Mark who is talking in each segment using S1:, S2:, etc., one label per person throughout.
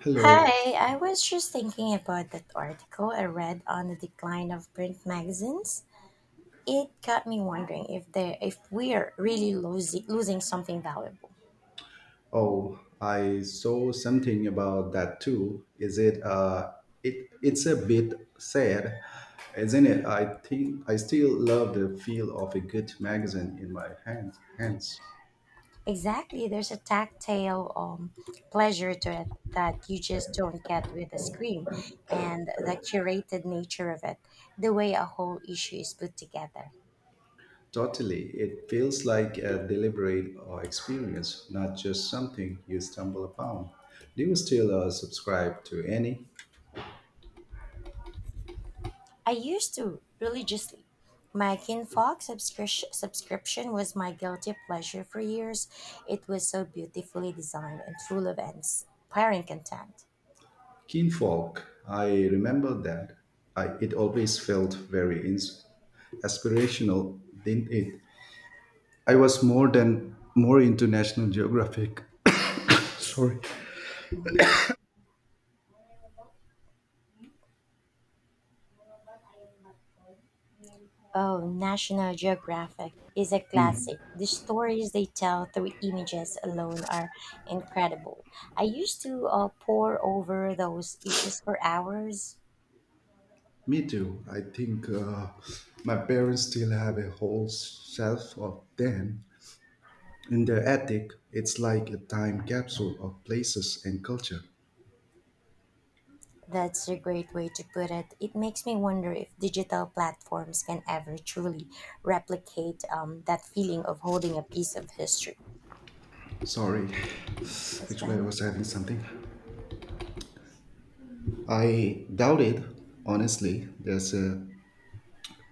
S1: Hello.
S2: Hi, I was just thinking about that article I read on the decline of print magazines. It got me wondering if we're really losing something valuable.
S1: Oh, I saw something about that too. Is it it's a bit sad, isn't it? I think I still love the feel of a good magazine in my hands.
S2: Exactly, there's a tactile pleasure to it that you just don't get with a screen, and the curated nature of it, the way a whole issue is put together.
S1: Totally. It feels like a deliberate experience, not just something you stumble upon. Do you still subscribe to any?
S2: I used to religiously. My subscription was my guilty pleasure for years. It was so beautifully designed and full of inspiring content.
S1: Kinfolk, I remember that. I, it always felt very aspirational, didn't it? I was more into National Geographic. Sorry.
S2: Oh, National Geographic is a classic. The stories they tell through images alone are incredible. I used to pore over those issues for hours.
S1: Me too. I think my parents still have a whole shelf of them in their attic. It's like a time capsule of places and culture.
S2: That's a great way to put it. It makes me wonder if digital platforms can ever truly replicate that feeling of holding a piece of history.
S1: Sorry.
S2: That's
S1: Actually, I
S2: fine.
S1: was having something. I doubt it. Honestly, there's a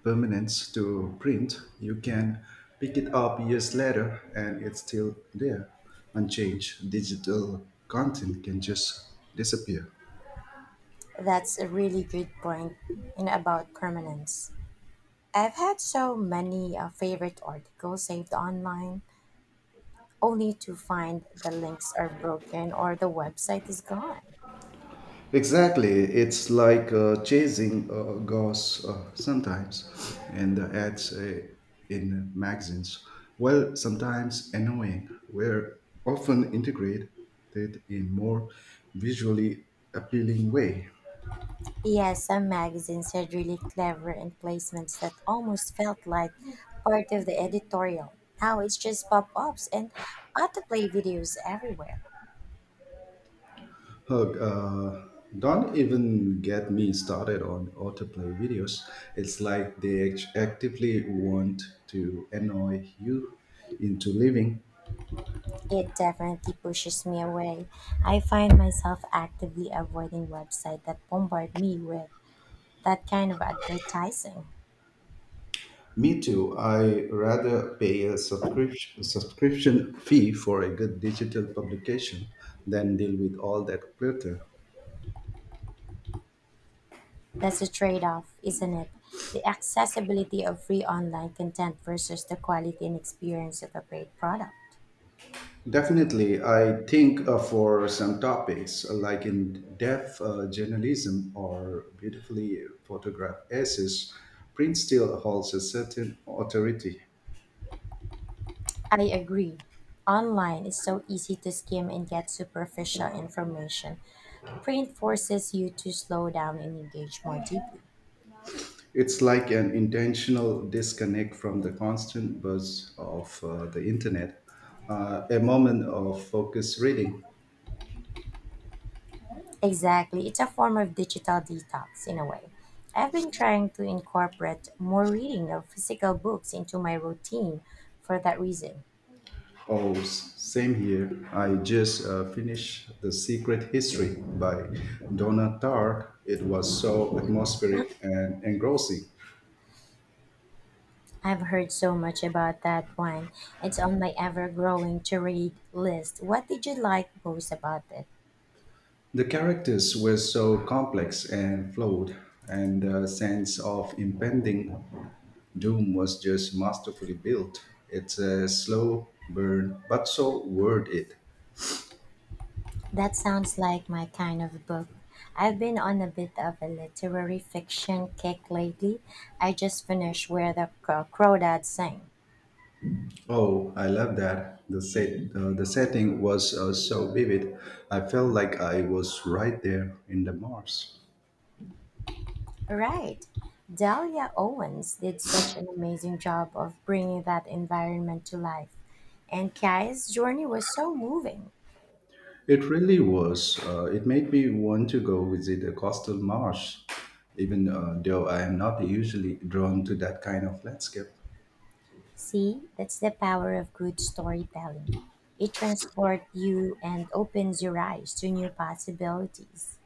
S1: permanence to print, you can pick it up years later and it's still there, unchanged. Digital content can just disappear.
S2: That's a really good point in about permanence. I've had so many favorite articles saved online, only to find the links are broken or the website is gone.
S1: Exactly, it's like chasing ghosts sometimes, and the ads in magazines. Well, sometimes annoying, we're often integrated in more visually appealing way.
S2: Yes, some magazines had really clever emplacements that almost felt like part of the editorial. Now it's just pop ups and autoplay videos everywhere.
S1: Hug, don't even get me started on autoplay videos. It's like they actively want to annoy you into leaving.
S2: It definitely pushes me away. I find myself actively avoiding websites that bombard me with that kind of advertising.
S1: Me too. I rather pay a subscription fee for a good digital publication than deal with all that clutter.
S2: That's a trade off, isn't it? The accessibility of free online content versus the quality and experience of a great product.
S1: Definitely, I think for some topics like in depth journalism or beautifully photographed essays, print still holds a certain authority.
S2: I agree. Online is so easy to skim and get superficial information. Print forces you to slow down and engage more deeply.
S1: It's like an intentional disconnect from the constant buzz of the internet, a moment of focused reading.
S2: Exactly. It's a form of digital detox in a way. I've been trying to incorporate more reading of physical books into my routine for that reason.
S1: Oh, same here. I just finished The Secret History by Donna Tartt. It was so atmospheric and engrossing.
S2: I've heard so much about that one. It's on my ever growing to read list. What did you like most about it?
S1: The characters were so complex and flawed, and the sense of impending doom was just masterfully built. It's a slow burn, but so worth it.
S2: That sounds like my kind of book. I've been on a bit of a literary fiction kick lately. I just finished Crawdads Sing.
S1: Oh, I love that. The the setting was so vivid. I felt like I was right there in the marsh.
S2: Right. Dahlia Owens did such an amazing job of bringing that environment to life. And Kai's journey was so moving.
S1: It really was. It made me want to go visit a coastal marsh, even though I am not usually drawn to that kind of landscape.
S2: See, that's the power of good storytelling. It transports you and opens your eyes to new possibilities.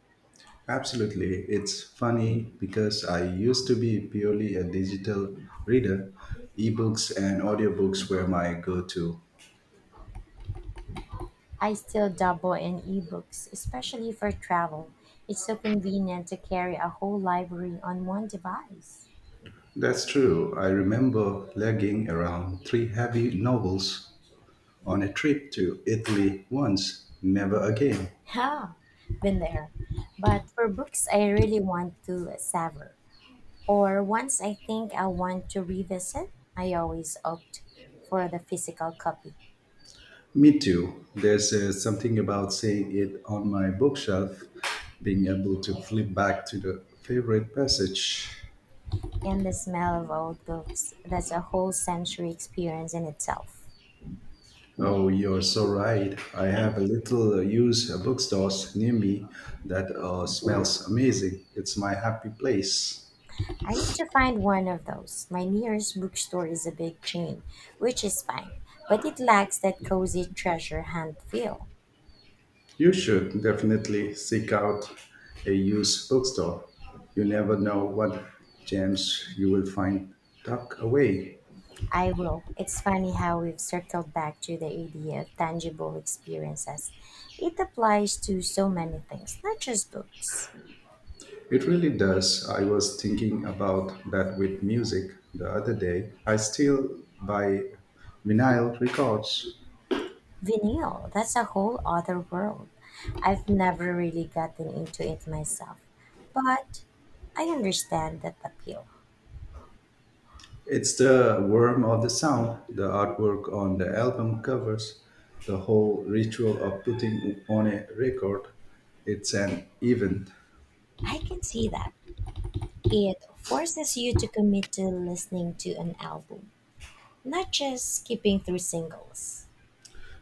S1: Absolutely. It's funny because I used to be purely a digital reader. Ebooks and audiobooks were my go to.
S2: I still dabble in ebooks, especially for travel. It's so convenient to carry a whole library on one device.
S1: That's true. I remember lugging around three heavy novels on a trip to Italy once. Never again.
S2: Ha! Been there. But for books I really want to savor, or ones I think I want to revisit, I always opt for the physical copy.
S1: Me too. There's something about seeing it on my bookshelf, being able to flip back to the favorite passage.
S2: And the smell of old books, that's a whole sensory experience in itself.
S1: Oh, you're so right. I have a little used bookstores near me that smells amazing. It's my happy place.
S2: I need to find one of those. My nearest bookstore is a big chain, which is fine, but it lacks that cozy treasure hunt feel.
S1: You should definitely seek out a used bookstore. You never know what gems you will find tucked away.
S2: I will. It's funny how we've circled back to the idea of tangible experiences. It applies to so many things, not just books.
S1: It really does. I was thinking about that with music the other day. I still buy vinyl records.
S2: Vinyl, that's a whole other world. I've never really gotten into it myself, but I understand that appeal.
S1: It's the worm of the sound. The artwork on the album covers the whole ritual of putting on a record. It's an event.
S2: I can see that. It forces you to commit to listening to an album, not just skipping through singles.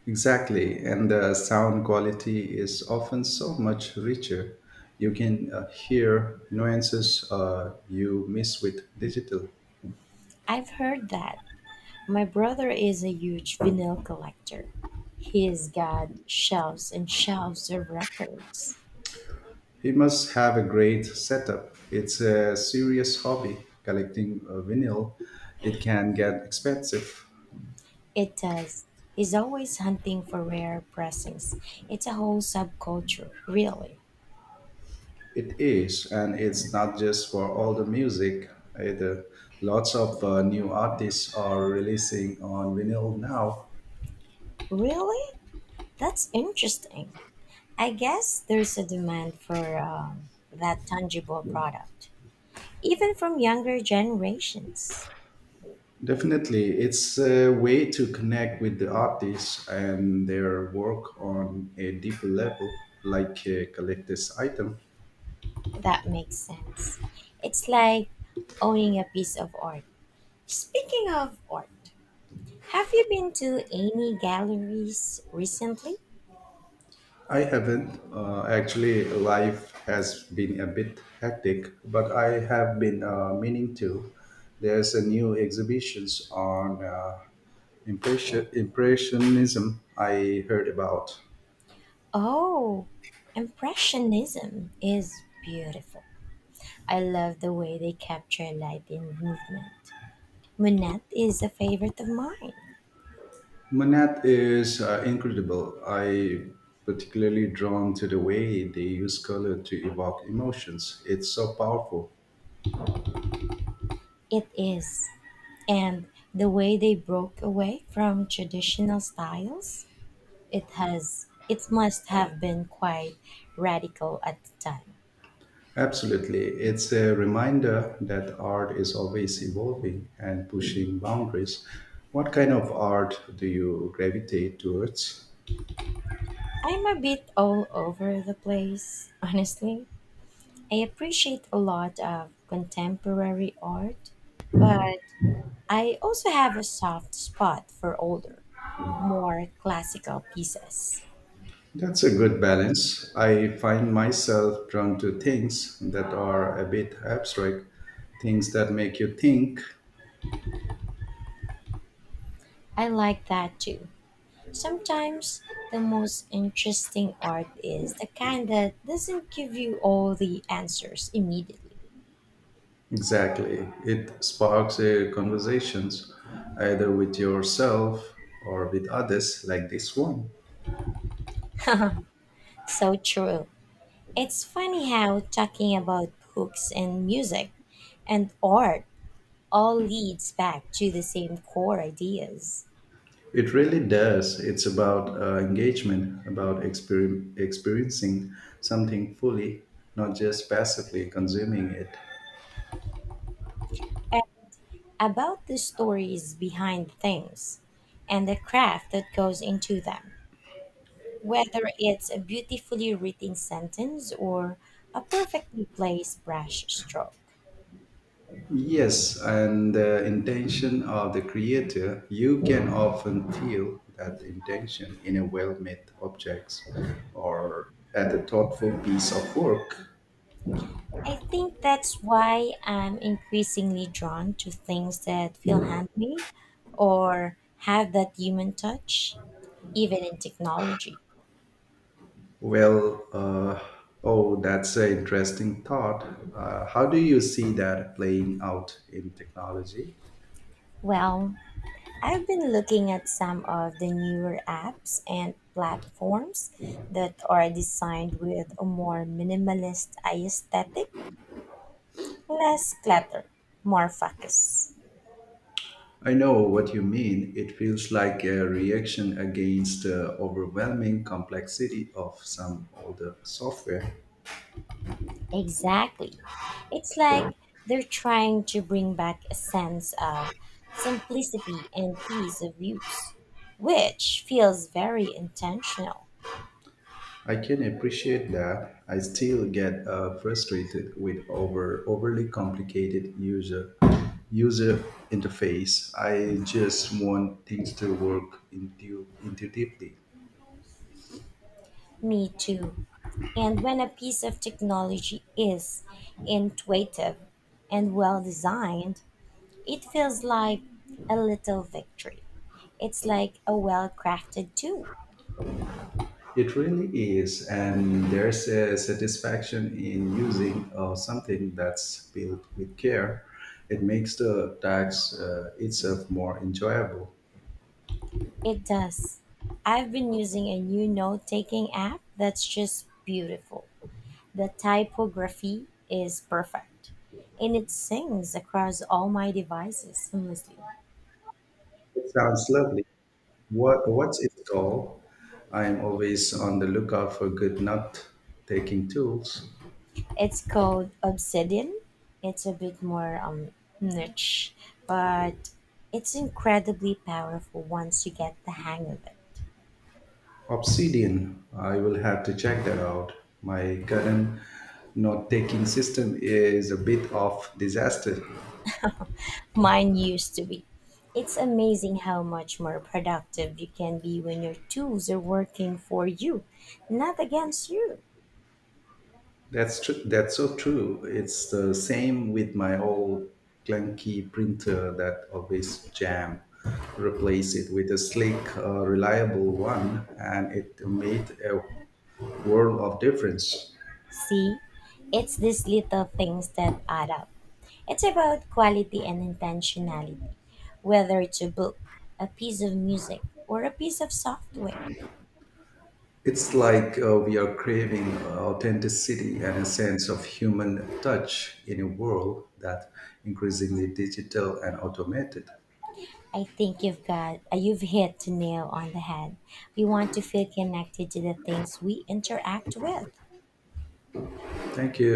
S1: Exactly, and the sound quality is often so much richer. You can hear nuances you miss with digital.
S2: I've heard that. My brother is a huge vinyl collector. He's got shelves and shelves of records.
S1: He must have a great setup. It's a serious hobby. Collecting vinyl, it can get expensive.
S2: It does. He's always hunting for rare pressings. It's a whole subculture, really.
S1: It is, and it's not just for all the music either. Lots of new artists are releasing on vinyl now.
S2: Really? That's interesting. I guess there's a demand for that tangible product, even from younger generations.
S1: Definitely, it's a way to connect with the artists and their work on a deeper level, like a collector's item.
S2: That makes sense. It's like owning a piece of art. Speaking of art, have you been to any galleries recently?
S1: I haven't. Actually, life has been a bit hectic, but I have been meaning to. There's a new exhibitions on impressionism I heard about.
S2: Oh, Impressionism is beautiful. I love the way they capture light in movement. Monet is a favorite of mine.
S1: Manat is incredible. I particularly drawn to the way they use color to evoke emotions. It's so powerful.
S2: It is. And the way they broke away from traditional styles, it has it must have been quite radical at the time.
S1: Absolutely. It's a reminder that art is always evolving and pushing boundaries. What kind of art do you gravitate towards?
S2: I'm a bit all over the place, honestly. I appreciate a lot of contemporary art, but I also have a soft spot for older, more classical pieces.
S1: That's a good balance. I find myself drawn to things that are a bit abstract, things that make you think.
S2: I like that too. Sometimes the most interesting art is the kind that doesn't give you all the answers immediately.
S1: Exactly. It sparks a conversations either with yourself or with others like this one.
S2: So true. It's funny how talking about books and music and art all leads back to the same core ideas,
S1: It really does. It's about engagement, about experiencing something fully, not just passively consuming it.
S2: a- about the stories behind things and the craft that goes into them. Whether it's a beautifully written sentence or a perfectly placed brush stroke.
S1: Yes, and the intention of the creator, you can often feel that intention in a well made objects or at a thoughtful piece of work.
S2: I think that's why I'm increasingly drawn to things that feel handmade or have that human touch, even in technology.
S1: Well, uh, oh, that's an interesting thought. How do you see that playing out in technology?
S2: Well, I've been looking at some of the newer apps and platforms that are designed with a more minimalist aesthetic, less clutter, more focus.
S1: I know what you mean. It feels like a reaction against the overwhelming complexity of some older software.
S2: Exactly. It's like they're trying to bring back a sense of simplicity and ease of use, which feels very intentional.
S1: I can appreciate that. I still get frustrated with overly complicated user interface. I just want things to work intuitively.
S2: Me too. And when a piece of technology is intuitive and well designed, it feels like a little victory. It's like a well crafted tool.
S1: It really is, and there's a satisfaction in using something that's built with care. It makes the tax itself more enjoyable.
S2: It does. I've been using a new note taking app that's just beautiful. The typography is perfect, and it sings across all my devices seamlessly.
S1: It sounds lovely. What's it called? I'm always on the lookout for good nut taking tools.
S2: It's called Obsidian. It's a bit more niche, but it's incredibly powerful once you get the hang of it.
S1: Obsidian. I will have to check that out. My current note taking system is a bit of disaster.
S2: Mine used to be. It's amazing how much more productive you can be when your tools are working for you, not against you.
S1: That's true. That's so true. It's the same with my old clunky printer that always jam. Replace it with a slick, reliable one, and it made a world of difference.
S2: See, it's these little things that add up. It's about quality and intentionality, whether it's a book, a piece of music, or a piece of software.
S1: It's like we are craving authenticity and a sense of human touch in a world that increasingly digital and automated.
S2: I think you've hit the nail on the head. We want to feel connected to the things we interact with.
S1: Thank you.